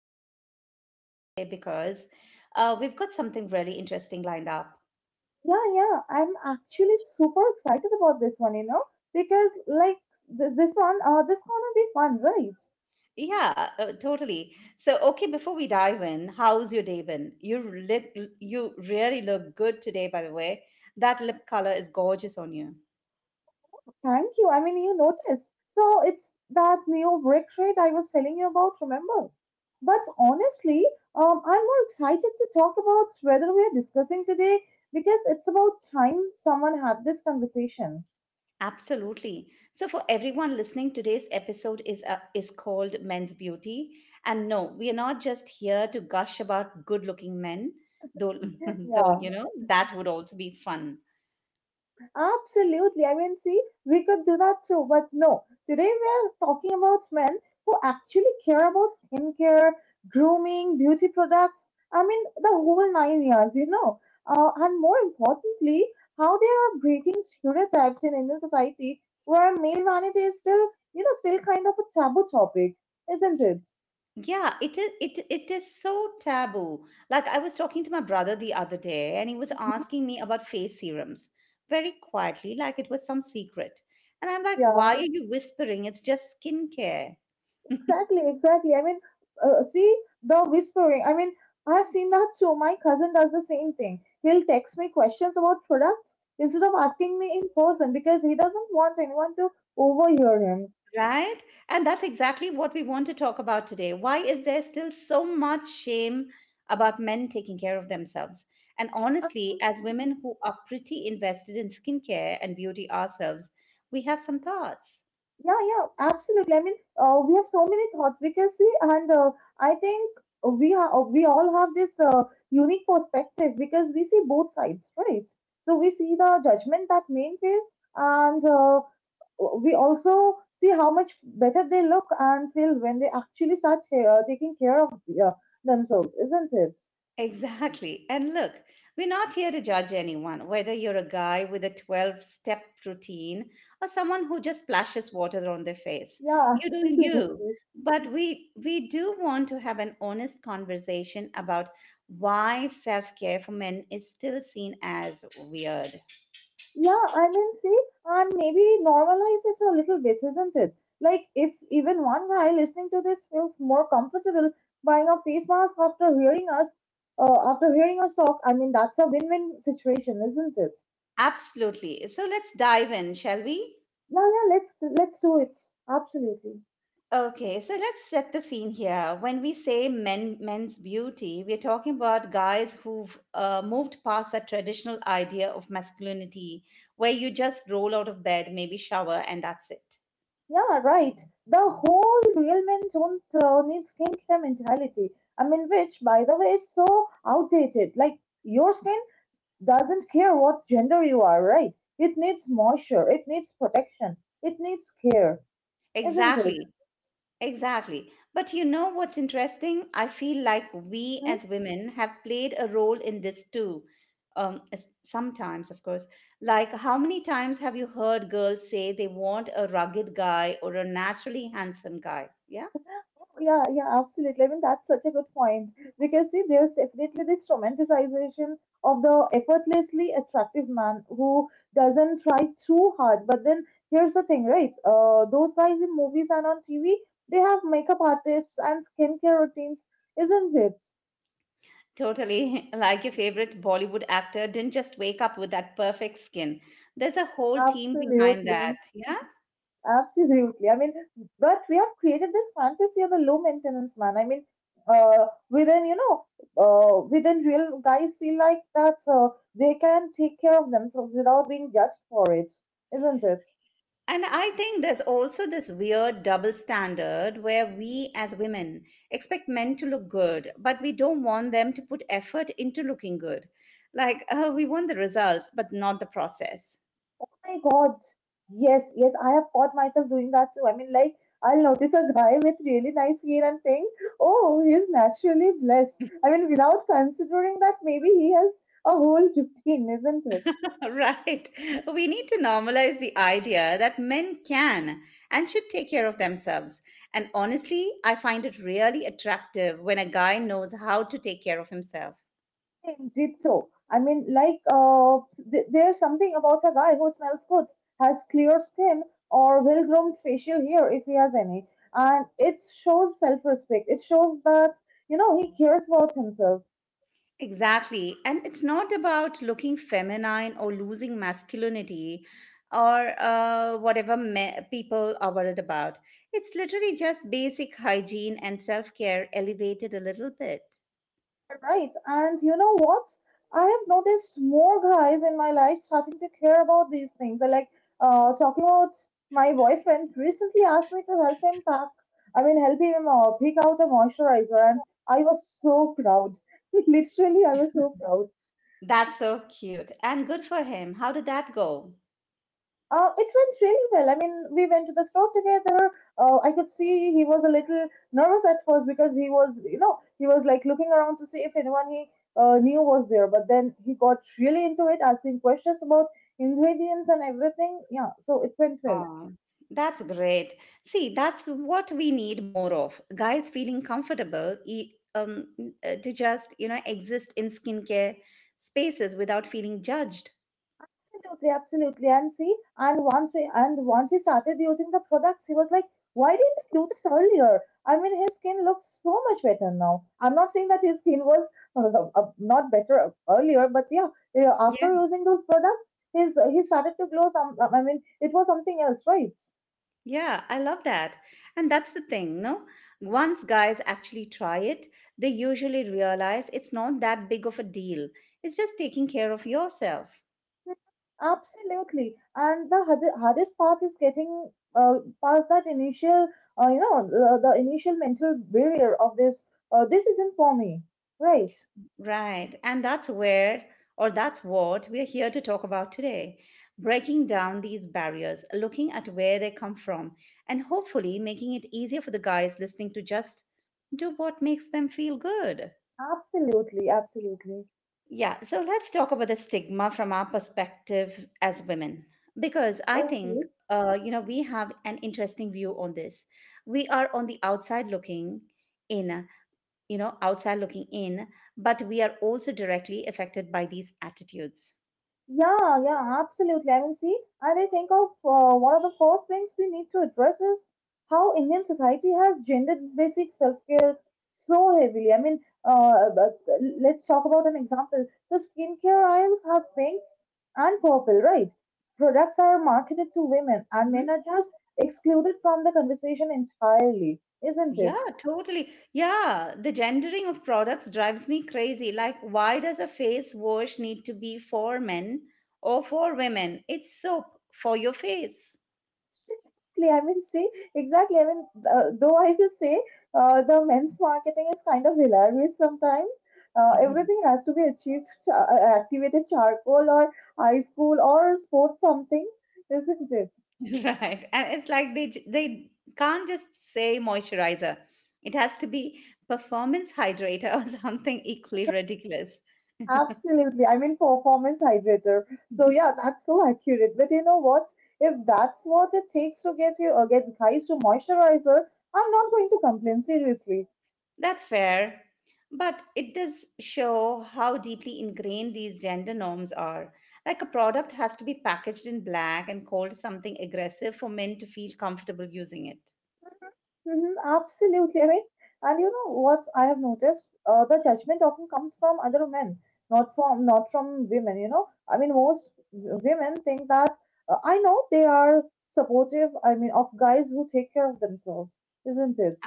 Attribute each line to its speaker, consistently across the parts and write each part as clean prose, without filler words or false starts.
Speaker 1: glad you're here with us today because we've got something really interesting lined up.
Speaker 2: Yeah, yeah. I'm actually super excited about this one, you know, because this gonna be fun, right?
Speaker 1: Yeah, totally. So, okay, before we dive in, how's your day been? You look, you really look good today, by the way. That lip color is gorgeous on you.
Speaker 2: Thank you. I mean, you noticed. So it's that new brick rate I was telling you about, remember? But honestly, I'm more excited to talk about whether we are discussing today because it's about time someone had this conversation.
Speaker 1: Absolutely. So for everyone listening, today's episode is called Men's Beauty, and no, we are not just here to gush about good-looking men, though though
Speaker 2: Yeah.
Speaker 1: you know that would also be fun.
Speaker 2: Absolutely. I mean, see, we could do that too, but no. Today we're talking about men who actually care about skincare, grooming, beauty products. I mean, the whole nine years, you know. And more importantly, how they are breaking stereotypes in Indian society where male vanity is still, you know, still kind of a taboo topic, isn't it?
Speaker 1: Yeah, it is it is so taboo. Like I was talking to my brother the other day and he was asking me about face serums very quietly like it was some secret. And I'm like, "Why are
Speaker 2: Yeah.
Speaker 1: you whispering? It's just skincare."
Speaker 2: Exactly. I mean, see the whispering. I mean, I've seen that too. My cousin does the same thing. He'll text me questions about products instead of asking me in person because he doesn't want anyone to overhear him.
Speaker 1: Right? And that's exactly what we want to talk about today. Why is there still so much shame about men taking care of themselves? And
Speaker 2: Um,
Speaker 1: honestly, as women who are pretty invested in skincare and beauty ourselves, we have some thoughts.
Speaker 2: Yeah, yeah, absolutely. I mean, we have so many thoughts because we, and I think we ha- we all have this unique perspective because we see both sides, right? So we see the judgment that men face, and we also see how much better they look and feel when they actually start taking care of uh, themselves, isn't it?
Speaker 1: Exactly. And look, we're not here to judge anyone, whether you're a guy with a 12 step routine or someone who just splashes water on their face.
Speaker 2: Yeah,
Speaker 1: You do you.
Speaker 2: absolutely.
Speaker 1: But we do want to have an honest conversation about why self-care for men is still seen as weird.
Speaker 2: Yeah, I mean, see, and maybe normalize it a little bit, isn't it? Like, if even one guy listening to this feels more comfortable buying a face mask after hearing us talk, I mean, that's a win-win situation, isn't it?
Speaker 1: Absolutely. So let's dive in, shall we?
Speaker 2: Yeah, yeah, let's do it. Absolutely.
Speaker 1: Okay, so let's set the scene here. When we say men's beauty, we're talking about guys who've moved past that traditional idea of masculinity where you just roll out of bed, maybe shower, and that's it.
Speaker 2: Yeah, right. The whole real men don't need skincare mentality. I mean, which, by the way, is so outdated. Like, your skin doesn't care what gender you are, right? It needs moisture, it needs protection, it needs care, isn't it?
Speaker 1: Exactly. Exactly. But you know what's interesting? I feel like we
Speaker 2: Hmm?
Speaker 1: as women have played a role in this too. Sometimes, of course. Like, how many times have you heard girls say they want a rugged guy or a naturally handsome guy? Yeah?
Speaker 2: Yeah, yeah, absolutely. I mean, that's such a good point because see, there's definitely this romanticization of the effortlessly attractive man who doesn't try too hard. But then here's the thing, right? Those guys in movies and on TV, they have makeup artists and skincare routines, isn't it?
Speaker 1: Totally. Like your favorite Bollywood actor didn't just wake up with that perfect skin. There's a whole team behind that.
Speaker 2: Absolutely.
Speaker 1: Yeah.
Speaker 2: Absolutely. I mean, but we have created this fantasy of the low maintenance man. I mean, we then, you know, we then real guys feel like that they can take care of themselves without being judged for it, isn't it? Oh
Speaker 1: And I think there's also this weird double standard where we as women expect men to look good, but we don't want them to put effort into looking good. Like, we want the results, but not the process.
Speaker 2: my God. Yes, I have caught myself doing that too. I mean, like, I'll notice a guy with really nice hair and think, oh, he's naturally blessed. I mean, without considering that maybe he has a whole routine, isn't it?
Speaker 1: Right. We need to normalize the idea that men can and should take care of themselves. And honestly, I find it really attractive when a guy knows how to take care of himself.
Speaker 2: Same, Gypto. I mean, like, there's something about a guy who smells good, has clear skin, or well groomed facial hair if he has any. And it shows self respect. It shows that, you know, he cares about himself.
Speaker 1: Exactly. And it's not about looking feminine or losing masculinity or whatever people are worried about. It's literally just basic hygiene and self care elevated a little bit.
Speaker 2: Right. And you know what? I have noticed more guys in my life starting to care about these things. I like talking about my boyfriend recently asked me to help him pack. I mean, help him pick out a moisturizer, and I was so proud. Literally, I was so proud.
Speaker 1: That's so cute and good for him. How did that go?
Speaker 2: It went really well. I mean, we went to the store together. I could see he was a little nervous at first because he was, you know, he was like looking around to see if anyone he knew was there. But then he got really into it, asking questions about ingredients and everything. Yeah, so it went well.
Speaker 1: Oh, that's great. See, that's what we need more of. Guys feeling comfortable to just, you know, exist in skincare spaces without feeling judged.
Speaker 2: Absolutely. And see, and once he started using the products, he was like, "Why didn't I do this earlier?" I mean, his skin looks so much better now. I'm not saying that his skin was not better earlier, but yeah, yeah,
Speaker 1: Yeah,
Speaker 2: after using those products, his he started to glow. I mean, it was something else, right?
Speaker 1: yeah, I love that. And that's the thing, no? Once guys actually try it, they usually realize it's not that big of a deal. It's just taking care of yourself.
Speaker 2: Absolutely. And the hardest part is getting uh, past that initial, you know, the initial mental barrier of this. This isn't for me, right?
Speaker 1: Right. And that's where, or that's what we're here to talk about today breaking down these barriers, looking at where they come from, and hopefully making it easier for the guys listening to just do what makes them feel good.
Speaker 2: Absolutely.
Speaker 1: Yeah. So let's talk about the stigma from our perspective as women, because I think.
Speaker 2: Okay.
Speaker 1: You know, we have an interesting view on this. We are on the outside looking in, you know outside looking in, but we are also directly affected by these attitudes.
Speaker 2: Yeah, yeah, absolutely. I mean, see, and I think of one of the first things we need to address is how Indian society has gendered basic self care so heavily. I mean, but let's talk about an example. So, skincare aisles are pink and purple, right? Products are marketed to women, and men are
Speaker 1: Hmm.
Speaker 2: just excluded from the conversation entirely, isn't it?
Speaker 1: Yeah, totally. Yeah, the gendering of products drives me crazy. Like, why does a face wash need to be for men or for women? It's soap for your face.
Speaker 2: Exactly, I mean, see, exactly. I mean, though I will say the men's marketing is kind of hilarious sometimes. Uh,
Speaker 1: Mhm.
Speaker 2: everything has to be activated charcoal or high school or sports something, isn't it?
Speaker 1: Right. And it's like they can't just say moisturizer. It has to be performance hydrator or something equally ridiculous.
Speaker 2: Absolutely. I mean, performance hydrator. So yeah, that's so accurate. But you know what? If that's what it takes to get you or get guys to moisturizer, I'm not going to complain seriously.
Speaker 1: That's fair. But it does show how deeply ingrained these gender norms are. Like a product has to be packaged in black and called something aggressive for men to feel comfortable using it.
Speaker 2: Mhm. Absolutely. I mean, and you know what I have noticed? The judgment often comes from other men, not from women. You know, I mean, most women think that I know they are supportive. I mean, of guys who take care of themselves, isn't it?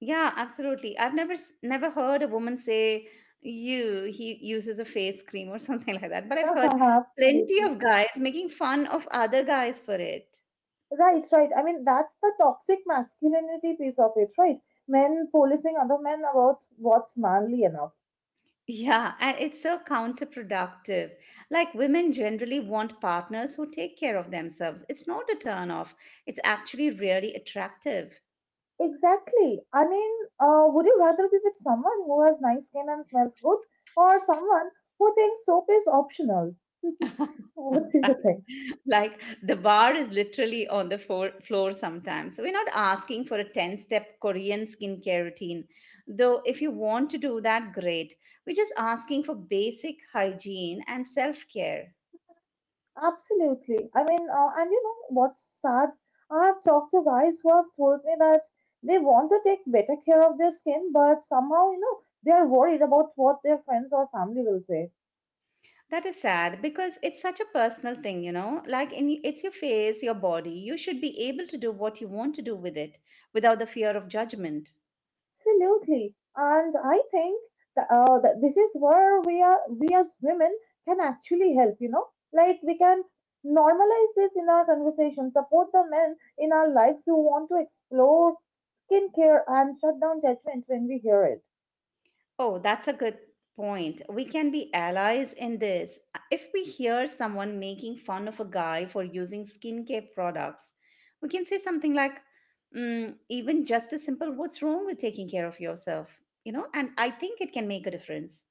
Speaker 1: Yeah, absolutely. I've never heard a woman say you he uses a face cream or something like that, but I've heard plenty
Speaker 2: Absolutely.
Speaker 1: of guys making fun of other guys for it.
Speaker 2: Right. I mean, that's the toxic masculinity piece of it, right? Men policing other men about what's manly enough.
Speaker 1: Yeah, and it's so counterproductive. Like women generally want partners who take care of themselves. It's not a turn off. It's actually really attractive.
Speaker 2: Exactly. I mean, would you rather be with someone who has nice skin and smells good, or someone who thinks soap is optional? What do you think?
Speaker 1: Like the bar is literally on the floor sometimes. So we're not asking for a 10-step Korean skincare routine. Though if you want to do that, great. We're just asking for basic hygiene and self-care.
Speaker 2: Absolutely. I mean, and you know what's sad? I have talked to guys who have told me that they want to take better care of their skin, but somehow, you know, they are worried about what their friends or family will say.
Speaker 1: That is sad because it's such a personal thing, you know. Like in it's your face, your body. You should be able to do what you want to do with it without the fear of judgment.
Speaker 2: Absolutely. And I think that this is where we as women can actually help, you know, like we can normalize this in our conversation, support the men in our lives who want to explore skincare and shut down judgment when we hear it.
Speaker 1: Oh, that's a good point. We can be allies in this. If we hear someone making fun of a guy for using skincare products, we can say something like, mm, even just a simple, what's wrong with taking care of yourself? You know, and I think it can make a difference.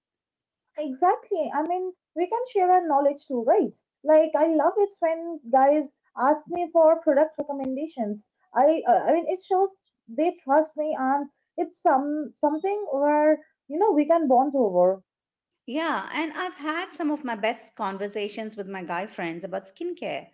Speaker 2: Exactly. I mean, we can share our knowledge too, right? Like, I love it when guys ask me for product recommendations. I mean, it shows they trust me, and it's something where you know we can bond over.
Speaker 1: Yeah, and I've had some of my best conversations with my guy friends about skincare.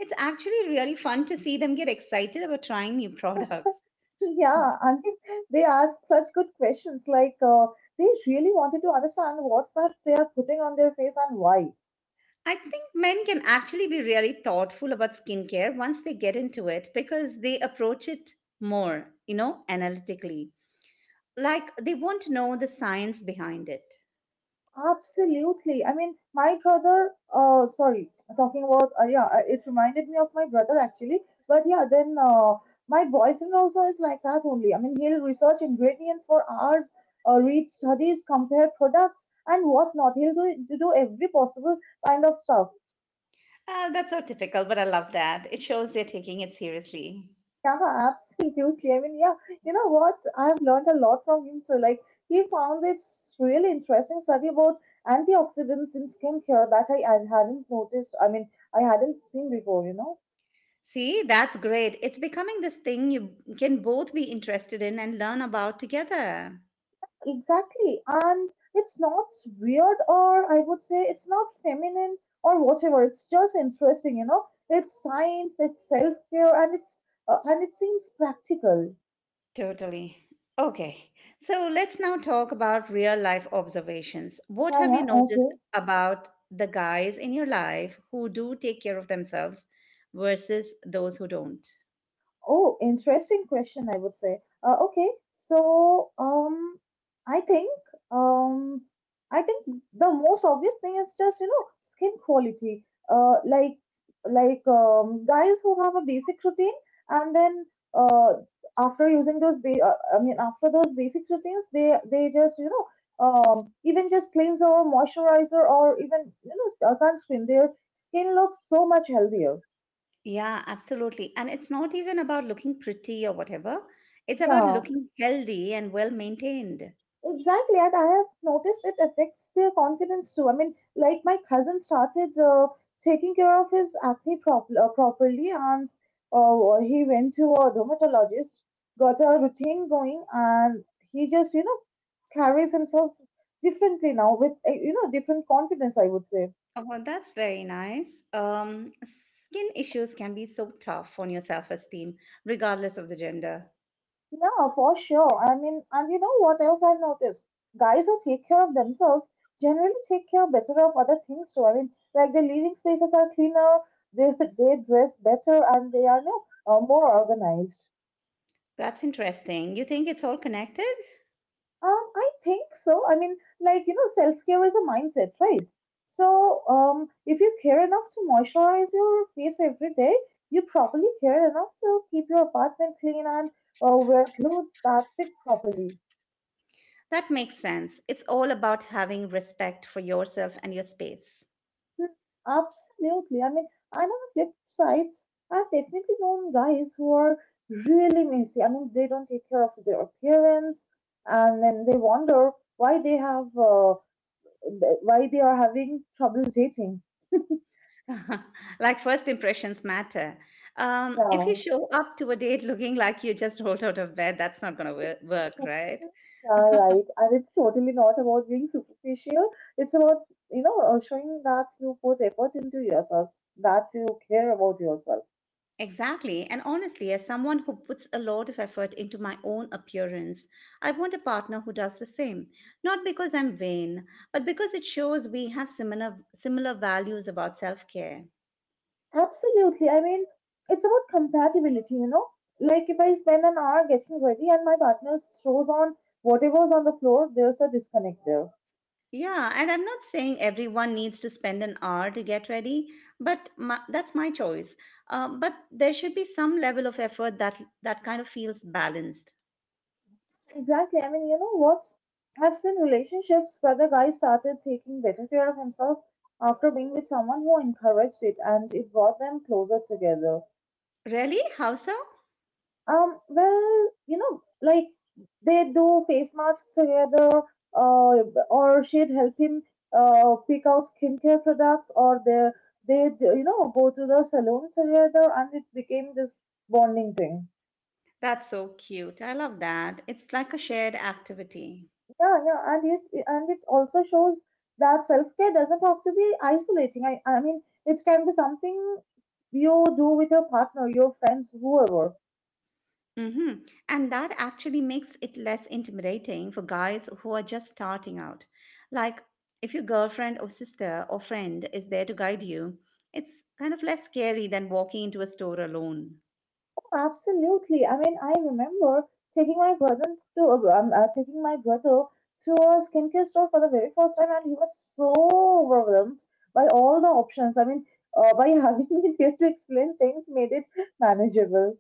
Speaker 1: It's actually really fun to see them get excited about trying new products.
Speaker 2: Yeah, I mean, they ask such good questions. Like, they really wanted to understand what's that they are putting on their face and why.
Speaker 1: I think men can actually be really thoughtful about skincare once they get into it because they approach it more, you know, analytically. Like they want to know the science behind it.
Speaker 2: Absolutely. I mean, my brother, sorry, talking about, yeah, it reminded me of my brother actually. But yeah, then my boyfriend also is like that only. I mean, he'll research ingredients for hours, read studies, compare products, and whatnot. To do every possible kind of stuff.
Speaker 1: Ah, that's so typical, but I love that. It shows they're taking it seriously.
Speaker 2: Yeah, absolutely. I mean, yeah, you know what? I've learned a lot from him too. Like, he found this really interesting study about antioxidants in skincare that I hadn't noticed. I mean, I hadn't seen before, you know?
Speaker 1: See, that's great. It's becoming this thing you can both be interested in and learn about together.
Speaker 2: Exactly. And it's not weird, or I would say it's not feminine or whatever. It's just interesting, you know? It's science, it's self care, and it's and it seems practical.
Speaker 1: Totally. Okay, so let's now talk about real life observations. What
Speaker 2: Yeah,
Speaker 1: have you
Speaker 2: yeah, okay.
Speaker 1: noticed about the guys in your life who do take care of themselves versus those who don't?
Speaker 2: Oh, interesting question, I would say. Uh, okay, so um, I think um, I think the most obvious thing is just you know skin quality. Guys who have a basic routine and then uh, after using those ba- I mean after those basic routines, they just you know even just cleanser or moisturizer or even you know sunscreen, their skin looks so much healthier.
Speaker 1: Yeah, absolutely. And it's not even about looking pretty or whatever. It's about
Speaker 2: Yeah.
Speaker 1: looking healthy and well maintained.
Speaker 2: Exactly, and I have noticed it affects their confidence too. I mean, like my cousin started taking care of his acne properly, and he went to a dermatologist, got a routine going, and he just you know carries himself differently now with you know different confidence. I would say.
Speaker 1: Oh, well, that's very nice. Skin issues can be so tough on your self-esteem, regardless of the gender.
Speaker 2: Yeah, for sure. I mean, and you know what else I've noticed? Guys who take care of themselves generally take care better of other things too. I mean, like their living spaces are cleaner, they they dress better, and they are you know, more organized.
Speaker 1: That's interesting. You think it's all connected?
Speaker 2: I think so. I mean, like you know, self care is a mindset, right? So, if you care enough to moisturize your face every day, you probably care enough to keep your apartment clean and wear clothes that fit properly.
Speaker 1: That makes sense. It's all about having respect for yourself and your space.
Speaker 2: Hmm. Absolutely. I mean, and on the flip side, I've definitely known guys who are really messy. I mean, they don't take care of their appearance, and then they wonder why they have why they are having trouble dating.
Speaker 1: Like first impressions matter. If you
Speaker 2: Yeah.
Speaker 1: show up to a date looking like you just rolled out of bed, that's not going to work, right?
Speaker 2: Yeah, right. And it's totally not about being superficial. It's about, showing that you put effort into yourself, that you care about yourself.
Speaker 1: Exactly. And honestly, as someone who puts a lot of effort into my own appearance, I want a partner who does the same. Not because I'm vain, but because it shows we have similar values about self-care.
Speaker 2: Absolutely. I mean, it's about compatibility, you know? Like if I spend an hour getting ready and my partner throws on whatever's on the floor, there's a disconnect there.
Speaker 1: Yeah, and I'm not saying everyone needs to spend an hour to get ready, but my, that's my choice. But there should be some level of effort that kind of feels balanced.
Speaker 2: Exactly. I mean, you know what? I've seen relationships where the guy started taking better care of himself after being with someone who encouraged it and it brought them closer together.
Speaker 1: Really? How so?
Speaker 2: Well, you know, like they do face masks together, uh, or she'd help him pick out skincare products, or they go to the salon together, and it became this bonding thing.
Speaker 1: That's so cute. I love that. It's like a shared activity.
Speaker 2: Yeah, yeah, and it also shows that self care doesn't have to be isolating. I mean, it can be something you do with your partner, your friends, whoever.
Speaker 1: Mm-hmm. And that actually makes it less intimidating for guys who are just starting out. Like if your girlfriend or sister or friend is there to guide you, it's kind of less scary than walking into a store alone.
Speaker 2: Absolutely. I mean, I remember taking my brother to a skincare store for the very first time, and he was so overwhelmed by all the options. I mean, by having me there to explain things made it manageable.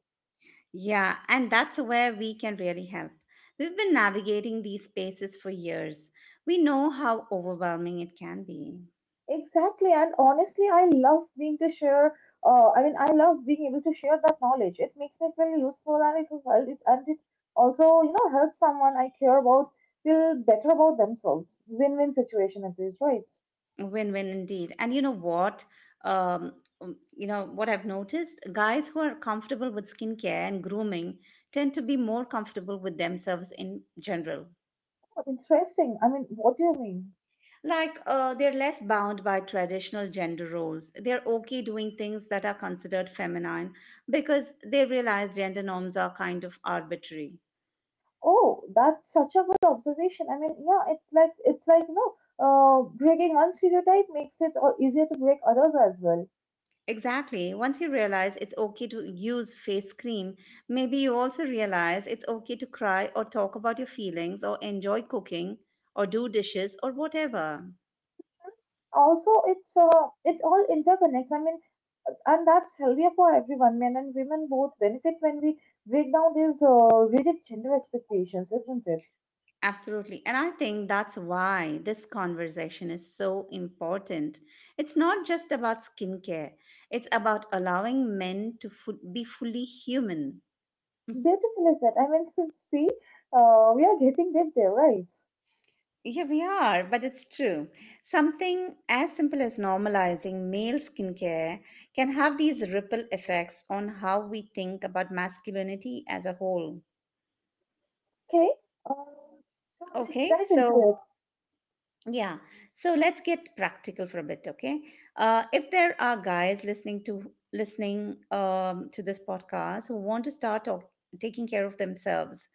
Speaker 1: Yeah, and that's where we can really help. We've been navigating these spaces for years. We know how overwhelming it can be.
Speaker 2: Exactly, and honestly, I love being to share. I mean, I love being able to share that knowledge. It makes me feel useful, and it also helps someone I care about feel better about themselves. Win-win situation at least, right?
Speaker 1: Win win indeed. And you know what? Um, you know what I've noticed? Guys who are comfortable with skincare and grooming tend to be more comfortable with themselves in general.
Speaker 2: Oh, interesting. I mean, what do you mean?
Speaker 1: Like they're less bound by traditional gender roles. They're okay doing things that are considered feminine because they realize gender norms are kind of arbitrary.
Speaker 2: Oh, that's such a good observation. I mean, yeah, it's like breaking one stereotype makes it all easier to break others as well.
Speaker 1: Exactly. Once you realize it's okay to use face cream, maybe you also realize it's okay to cry or talk about your feelings or enjoy cooking or do dishes or whatever.
Speaker 2: Also, it all interconnects. I mean, and that's healthier for everyone. Men and women both benefit when we break down these rigid gender expectations, isn't it?
Speaker 1: Absolutely. And I think that's why this conversation is so important. It's not just about skincare, it's about allowing men to be fully human.
Speaker 2: Beautiful is that. I mean, see, we are getting deep there, right?
Speaker 1: Yeah, we are, but it's true. Something as simple as normalizing male skincare can have these ripple effects on how we think about masculinity as a whole.
Speaker 2: Okay. So let's
Speaker 1: Okay,
Speaker 2: dive into
Speaker 1: so
Speaker 2: it.
Speaker 1: yeah, so let's get practical for a bit. Okay, if there are guys listening to listening to this podcast who want to start taking care of themselves,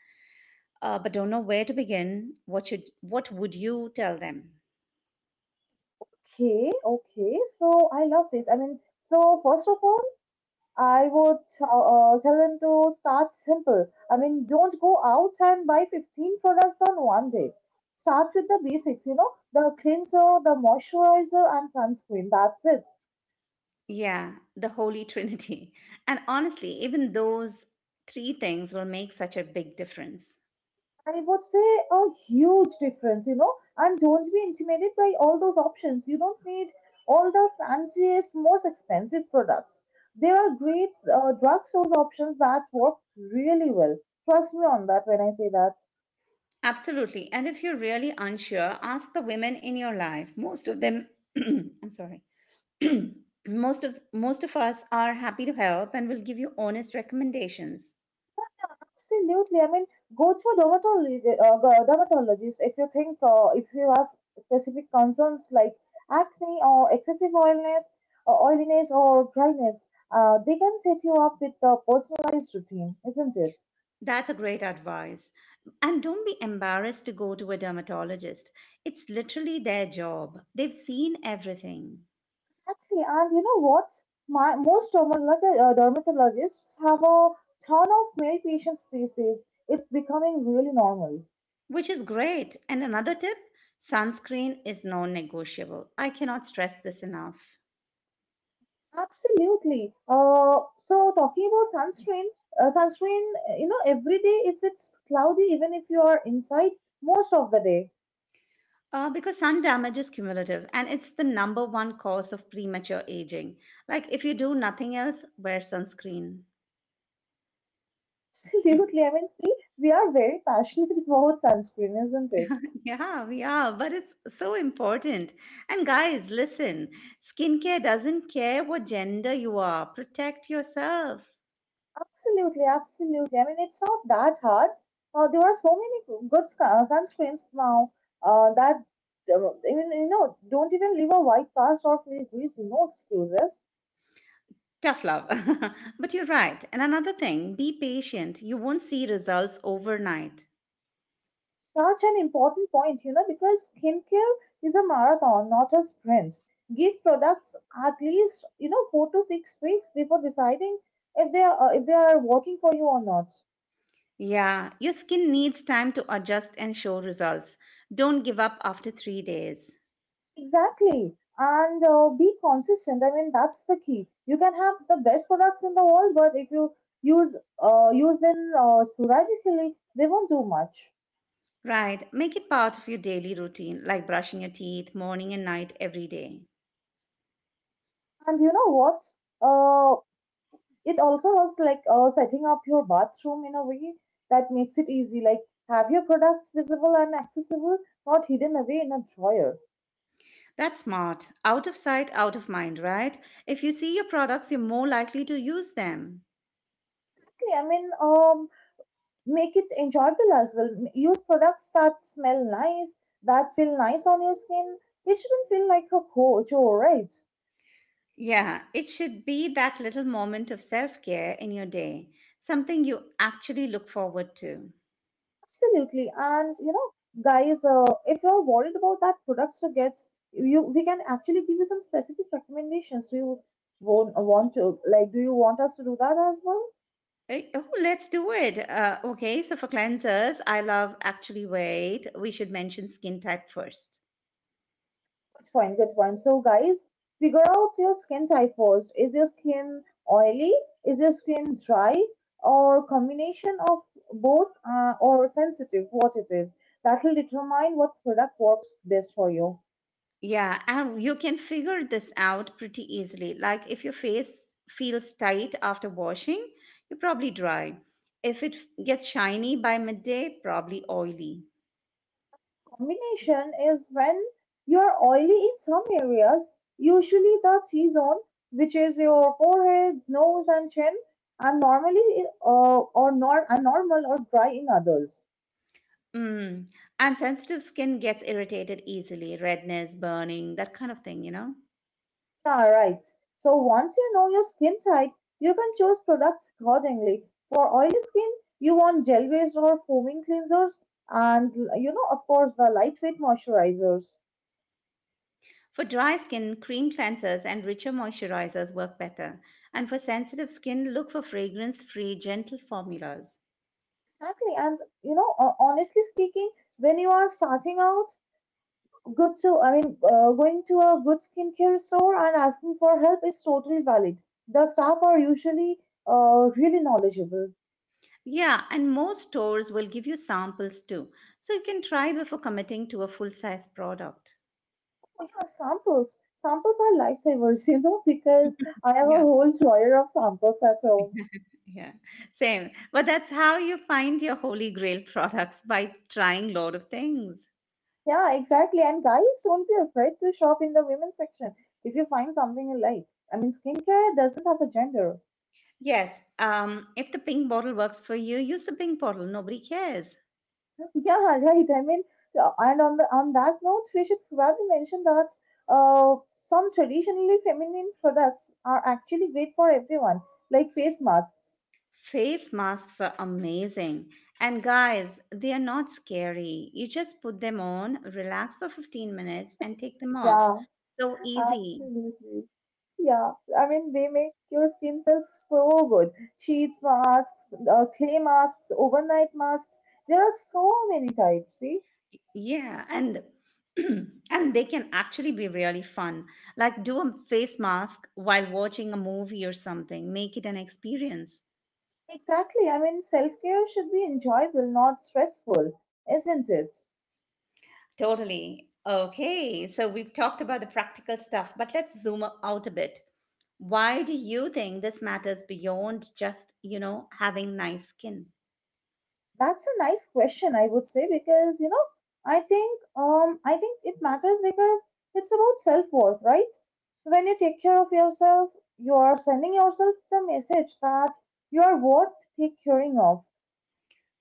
Speaker 1: but don't know where to begin, what should what would you tell them?
Speaker 2: Okay, okay. So I love this. I mean, so first of all, I would tell them to start simple. I mean, don't go out and buy 15 products on one day. Start with the basics, you know, the cleanser, the moisturizer, and sunscreen. That's it.
Speaker 1: Yeah, the Holy Trinity. And honestly, even those three things will make such a big difference.
Speaker 2: I would say a huge difference, you know. And don't be intimidated by all those options. You don't need all the fanciest, most expensive products. There are great drugstores options that work really well. Trust me on that when I say that.
Speaker 1: Absolutely. And if you're really unsure, ask the women in your life. Most of them, I'm sorry. Most of us are happy to help and will give you honest recommendations.
Speaker 2: Absolutely. I mean, go to a dermatologist, go- dermatologist if you think, if you have specific concerns like acne or excessive oiliness, or dryness. They can set you up with a personalized routine, isn't it?
Speaker 1: That's a great advice. And don't be embarrassed to go to a dermatologist. It's literally their job. They've seen everything.
Speaker 2: Exactly, and you know what? Most dermatologists have a ton of male patients these days. It's becoming really normal.
Speaker 1: Which is great. And another tip sunscreen is non negotiable. I cannot stress this enough.
Speaker 2: Absolutely. So talking about sunscreen, you know, every day if it's cloudy, even if you are inside, most of the day.
Speaker 1: Because sun damage is cumulative and it's the number one cause of premature aging. Like, if you do nothing else, wear sunscreen.
Speaker 2: Absolutely. I mean, see, we are very passionate about sunscreen, isn't it?
Speaker 1: Yeah, we are, but it's so important. And guys, listen, skincare doesn't care what gender you are, protect yourself.
Speaker 2: Absolutely, absolutely. I mean, it's not that hard. There are so many go- good sc- sunscreens now that even don't even leave a white cast or feel greasy. No excuses.
Speaker 1: Tough love. But you're right. And another thing, be patient, you won't see results overnight.
Speaker 2: Such an important point, you know, because skincare is a marathon, not a sprint. Give products at least 4 to 6 weeks before deciding if they are working for you or not.
Speaker 1: Yeah, your skin needs time to adjust and show results. Don't give up after 3 days.
Speaker 2: Exactly. And be consistent. I mean, that's the key. You can have the best products in the world, but if you use use them sporadically, they won't do much.
Speaker 1: Right, make it part of your daily routine, like brushing your teeth morning and night every day.
Speaker 2: And you know what? Uh, it also helps like setting up your bathroom in a way that makes it easy. Like have your products visible and accessible, not hidden away in a drawer.
Speaker 1: That's smart. Out of sight, out of mind, right? If you see your products, you're more likely to use them.
Speaker 2: Exactly. I mean, make it enjoyable as well. Use products that smell nice, that feel nice on your skin. It shouldn't feel like a chore, right?
Speaker 1: Yeah, it should be that little moment of self care in your day, something you actually look forward to.
Speaker 2: Absolutely. And you know, guys, if you're worried about that products to get, you we can actually give you some specific recommendations. Do you want to like? Do you want us to do that as well?
Speaker 1: Eh, oh, let's do it. Okay, so for cleansers, I love actually wait. We should mention skin type first.
Speaker 2: Good point, good point. So, guys, figure out your skin type first. Is your skin oily? Is your skin dry? Or combination of both or sensitive, what it is. That will determine what product works best for you.
Speaker 1: Yeah, and you can figure this out pretty easily. Like if your face feels tight after washing, you're probably dry. If it gets shiny by midday, probably oily.
Speaker 2: Combination is when you're oily in some areas, usually the T zone, which is your forehead, nose, and chin, and normally or nor- and normal or dry in others.
Speaker 1: Mm. And sensitive skin gets irritated easily, redness, burning, that kind of thing, you know?
Speaker 2: Alright, so once you know your skin type, you can choose products accordingly. For oily skin, you want gel-based or foaming cleansers and you know, of course, the lightweight moisturizers.
Speaker 1: For dry skin, cream cleansers and richer moisturizers work better. And for sensitive skin, look for fragrance free, gentle formulas.
Speaker 2: Exactly. And you know, honestly speaking, when you are starting out, good to I mean, going to a good skincare store and asking for help is totally valid. The staff are usually really knowledgeable.
Speaker 1: Yeah, and most stores will give you samples too, so you can try before committing to a full size product.
Speaker 2: Samples. Samples are lifesavers, you know, because I have a
Speaker 1: Yeah,
Speaker 2: whole drawer of samples at home.
Speaker 1: yeah, same. But that's how you find your holy grail products by trying lot of things.
Speaker 2: Yeah, exactly. And guys, don't be afraid to shop in the women's section if you find something you like. I mean, skincare doesn't have a gender.
Speaker 1: Yes, if the pink bottle works for you, use the pink bottle. Nobody cares.
Speaker 2: Yeah, right. I mean, and on that note, we should probably mention that some traditionally feminine products are actually great for everyone, like face masks.
Speaker 1: Face masks are amazing. And guys, they are not scary. You just put them on, relax for 15 minutes, and take them off.
Speaker 2: Yeah,
Speaker 1: So easy.
Speaker 2: absolutely. Yeah, I mean, they make your skin feel so good. Sheet masks, clay masks, overnight masks. There are so many types, see?
Speaker 1: Yeah, and and they can actually be really fun. Like do a face mask while watching a movie or something. Make it an experience.
Speaker 2: Exactly. I mean, self-care should be enjoyable, not stressful, isn't it?
Speaker 1: Totally. Okay, so we've talked about the practical stuff, but let's zoom out a bit. Why do you think this matters beyond just, having nice skin?
Speaker 2: That's a nice question, I would say, because, you know, I think it matters because it's about self-worth, right? When you take care of yourself, you are sending yourself the message that you are worth take caring of.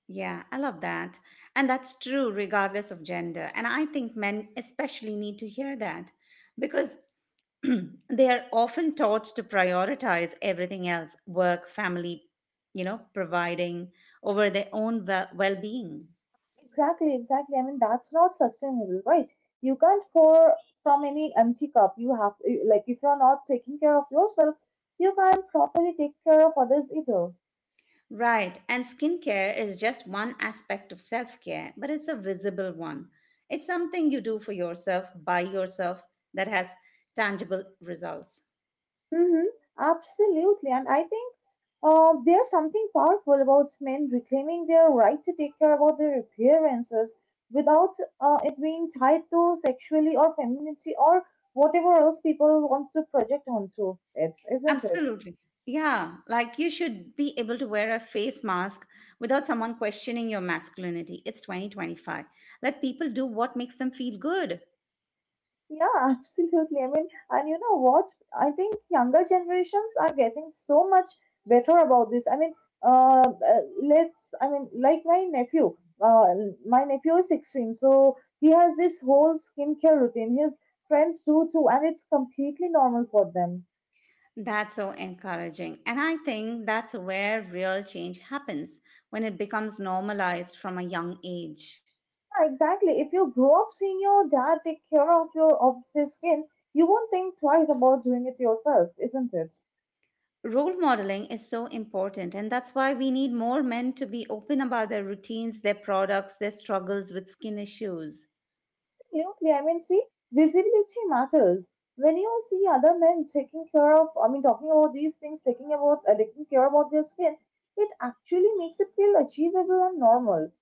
Speaker 1: Yeah, I love that. And that's true regardless of gender. And I think men especially need to hear that because they are often taught to prioritize everything else work, family, you know, providing over their own well being.
Speaker 2: Exactly, exactly. I mean, that's not sustainable, right? You can't pour from any empty cup. Like, if you're not taking care of yourself, you can't properly take care of others either.
Speaker 1: Right, and skincare is just one aspect of self care, but it's a visible one. It's something you do for yourself, by yourself, that has tangible results.
Speaker 2: Mm-hmm. Absolutely. And I think there's something powerful about men reclaiming their right to take care about their appearances without it being tied to sexuality or femininity or whatever else people want to project onto it, isn't it?
Speaker 1: Absolutely. Yeah, like you should be able to wear a face mask without someone questioning your masculinity. It's 2025. Let people do what makes them feel good.
Speaker 2: Yeah, absolutely. I mean, and you know what? I think younger generations are getting so much better about this. I mean, like uh, my nephew is 16, so he has this whole skincare routine. His friends do too, and it's completely normal for them.
Speaker 1: That's so encouraging. And I think that's where real change happens when it becomes normalized from a young age.
Speaker 2: Yeah, exactly. If you grow up seeing your dad take care of your of his skin, you won't think twice about doing it yourself, isn't it?
Speaker 1: Role modeling is so important, and that's why we need more men to be open about their routines, their products, their struggles with skin issues.
Speaker 2: Absolutely. I mean, see, visibility matters. When you see other men taking care of, I mean, talking about these things, taking about, taking care about their skin, it actually makes it feel achievable and normal.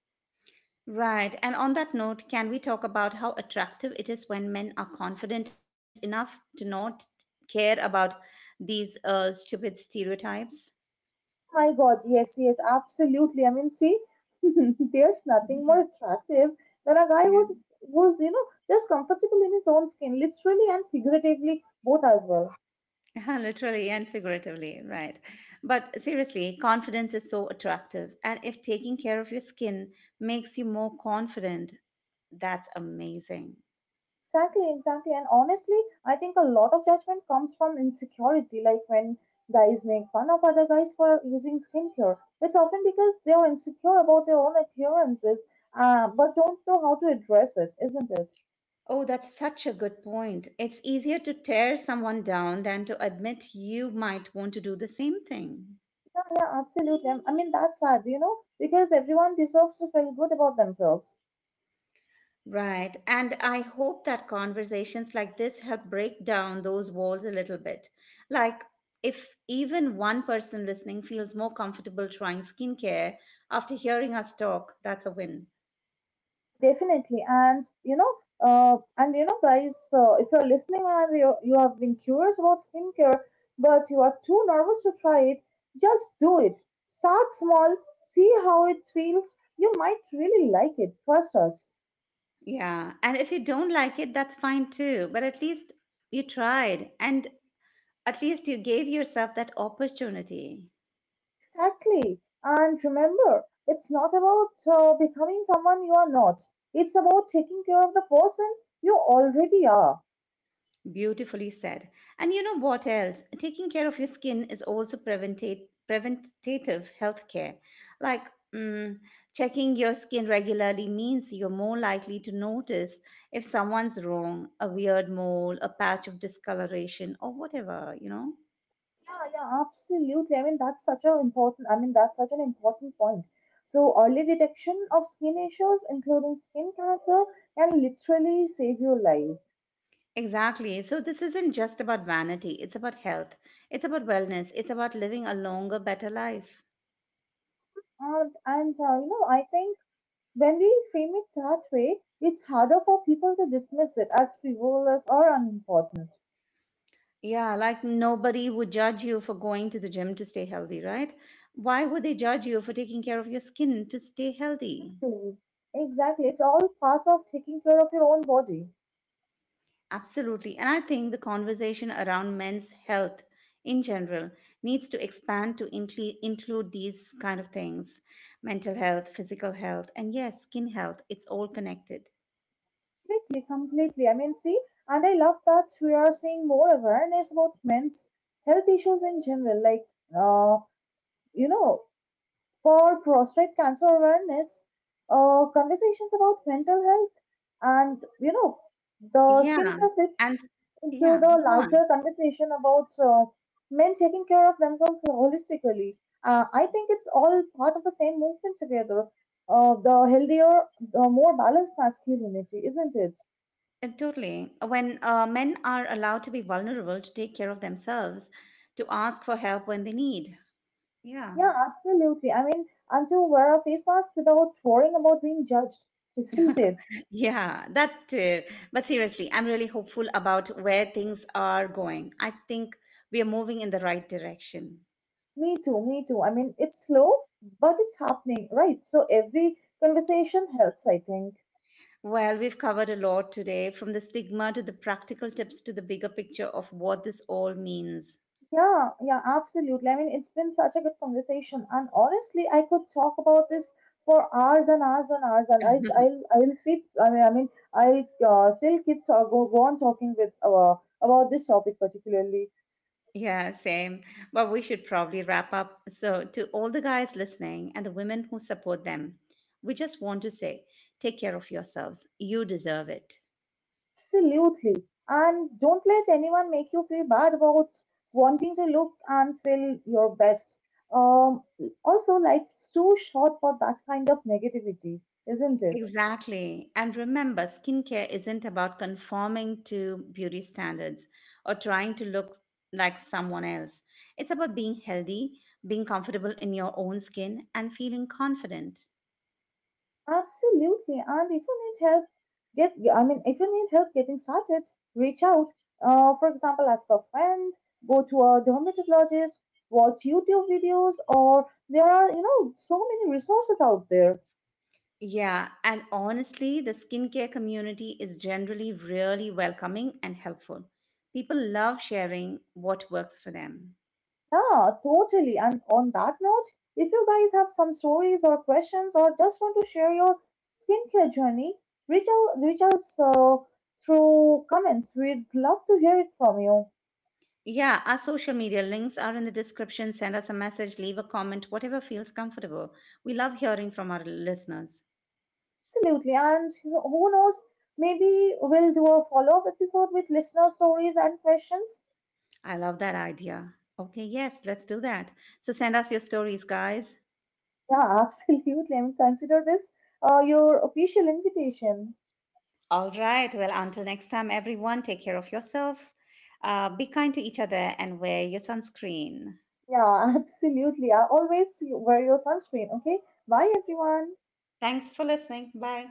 Speaker 1: Right, and on that note, can we talk about how attractive it is when men are confident enough to not care about these stupid stereotypes?
Speaker 2: My God, yes, yes, absolutely. I mean, see, there's nothing more attractive than a guy
Speaker 1: Yeah.
Speaker 2: who's you know just comfortable in his own skin, literally and figuratively both as well.
Speaker 1: Literally and figuratively, right. But seriously, confidence is so attractive. And if taking care of your skin makes you more confident, that's amazing.
Speaker 2: Exactly, exactly. And honestly, I think a lot of judgment comes from insecurity. Like when guys make fun of other guys for using skincare, it's often because they are insecure about their own appearances, but don't know how to address it, isn't it?
Speaker 1: Oh, that's such a good point. It's easier to tear someone down than to admit you might want to do the same thing.
Speaker 2: Yeah, yeah, absolutely. I mean, that's sad, you know, because everyone deserves to feel good about themselves.
Speaker 1: Right. And I hope that conversations like this help break down those walls a little bit. Like, if even one person listening feels more comfortable trying skincare after hearing us talk, that's a win.
Speaker 2: Definitely. And you know, guys, if you're listening and you have been curious about skincare, but you are too nervous to try it, just do it. Start small, see how it feels. You might really like it. Trust us.
Speaker 1: Yeah. And if you don't like it, that's fine too. But at least you tried and at least you gave yourself that opportunity.
Speaker 2: Exactly. And remember, it's not about becoming someone you are not. It's about taking care of the person you already are.
Speaker 1: Beautifully said. And you know what else? Taking care of your skin is also preventative health care. Like mm, checking your skin regularly means you're more likely to notice if someone's wrong, a weird mole, a patch of discoloration, or whatever, you know?
Speaker 2: Yeah, yeah, absolutely. I mean, that's such an important point. So early detection of skin issues, including skin cancer, can literally save your life.
Speaker 1: Exactly. So, this isn't just about vanity, it's about health, it's about wellness, it's about living a longer, better life.
Speaker 2: And you know, I think when we frame it that way, it's harder for people to dismiss it as frivolous or unimportant.
Speaker 1: Yeah, like nobody would judge you for going to the gym to stay healthy, right? Why would they judge you for taking care of your skin to stay healthy?
Speaker 2: Hmm. Exactly. It's all part of taking care of your own body.
Speaker 1: Absolutely. And I think the conversation around men's health in general needs to expand to include these kind of things mental health, physical health, and yes, skin health. It's all connected.
Speaker 2: Completely, completely. I mean, see, and I love that we are seeing more awareness about men's health issues in general. Like, uh, you know, for prostate cancer awareness, conversations about mental health, and you know, the
Speaker 1: Yeah.
Speaker 2: skincare fits
Speaker 1: And
Speaker 2: into
Speaker 1: yeah,
Speaker 2: the
Speaker 1: go on.
Speaker 2: larger conversation about men taking care of themselves holistically. I think it's all part of the same movement together. The healthier, the more balanced masculinity, isn't it?
Speaker 1: Totally. When men are allowed to be vulnerable, to take care of themselves, to ask for help when they need. Yeah.
Speaker 2: Yeah, absolutely. I mean, I'm too aware of these masks without worrying about being judged, isn't it?
Speaker 1: Yeah, that too. But seriously, I'm really hopeful about where things are going. I think we are moving in the right direction.
Speaker 2: Me too, me too. I mean, it's slow, but it's happening, right? So every conversation helps, I think.
Speaker 1: Well, we've covered a lot today, from the stigma to the practical tips to the bigger picture of what this all means.
Speaker 2: Yeah, yeah, absolutely. I mean, it's been such a good conversation, and honestly, I could talk about this for hours and hours and hours, and I will sleep. I mean, I mean, I still keep talk, go, go on talking with about this topic particularly.
Speaker 1: Yeah, same. But we should probably wrap up. So, to all the guys listening and the women who support them, we just want to say take care of yourselves. You deserve it.
Speaker 2: Absolutely. And don't let anyone make you feel bad about wanting to look and feel your best. Um, Also, life's too short for that kind of negativity, isn't it?
Speaker 1: Exactly. And remember, skincare isn't about conforming to beauty standards or trying to look like someone else. It's about being healthy, being comfortable in your own skin, and feeling confident.
Speaker 2: Absolutely. And if you need help, if you need help getting started, reach out. For example, ask a friend, go to a dermatologist, watch YouTube videos, or there are, you know, so many resources out there.
Speaker 1: Yeah, and honestly, the skincare community is generally really welcoming and helpful. People love sharing what works for them.
Speaker 2: Yeah, totally. And on that note, if you guys have some stories or questions or just want to share your skincare journey, reach us through comments. We'd love to hear it from you.
Speaker 1: Yeah, our social media links are in the description. Send us a message, leave a comment, whatever feels comfortable. We love hearing from our listeners.
Speaker 2: Absolutely. And who knows, maybe we'll do a follow up episode with listener stories and questions.
Speaker 1: I love that idea. Okay, yes, let's do that. So send us your stories, guys.
Speaker 2: Yeah, absolutely. And consider this your official invitation.
Speaker 1: All right, well, until next time, everyone, take care of yourself. Be kind to each other and wear your sunscreen.
Speaker 2: Yeah, absolutely. Always wear your sunscreen. Okay. Bye, everyone.
Speaker 1: Thanks for listening. Bye.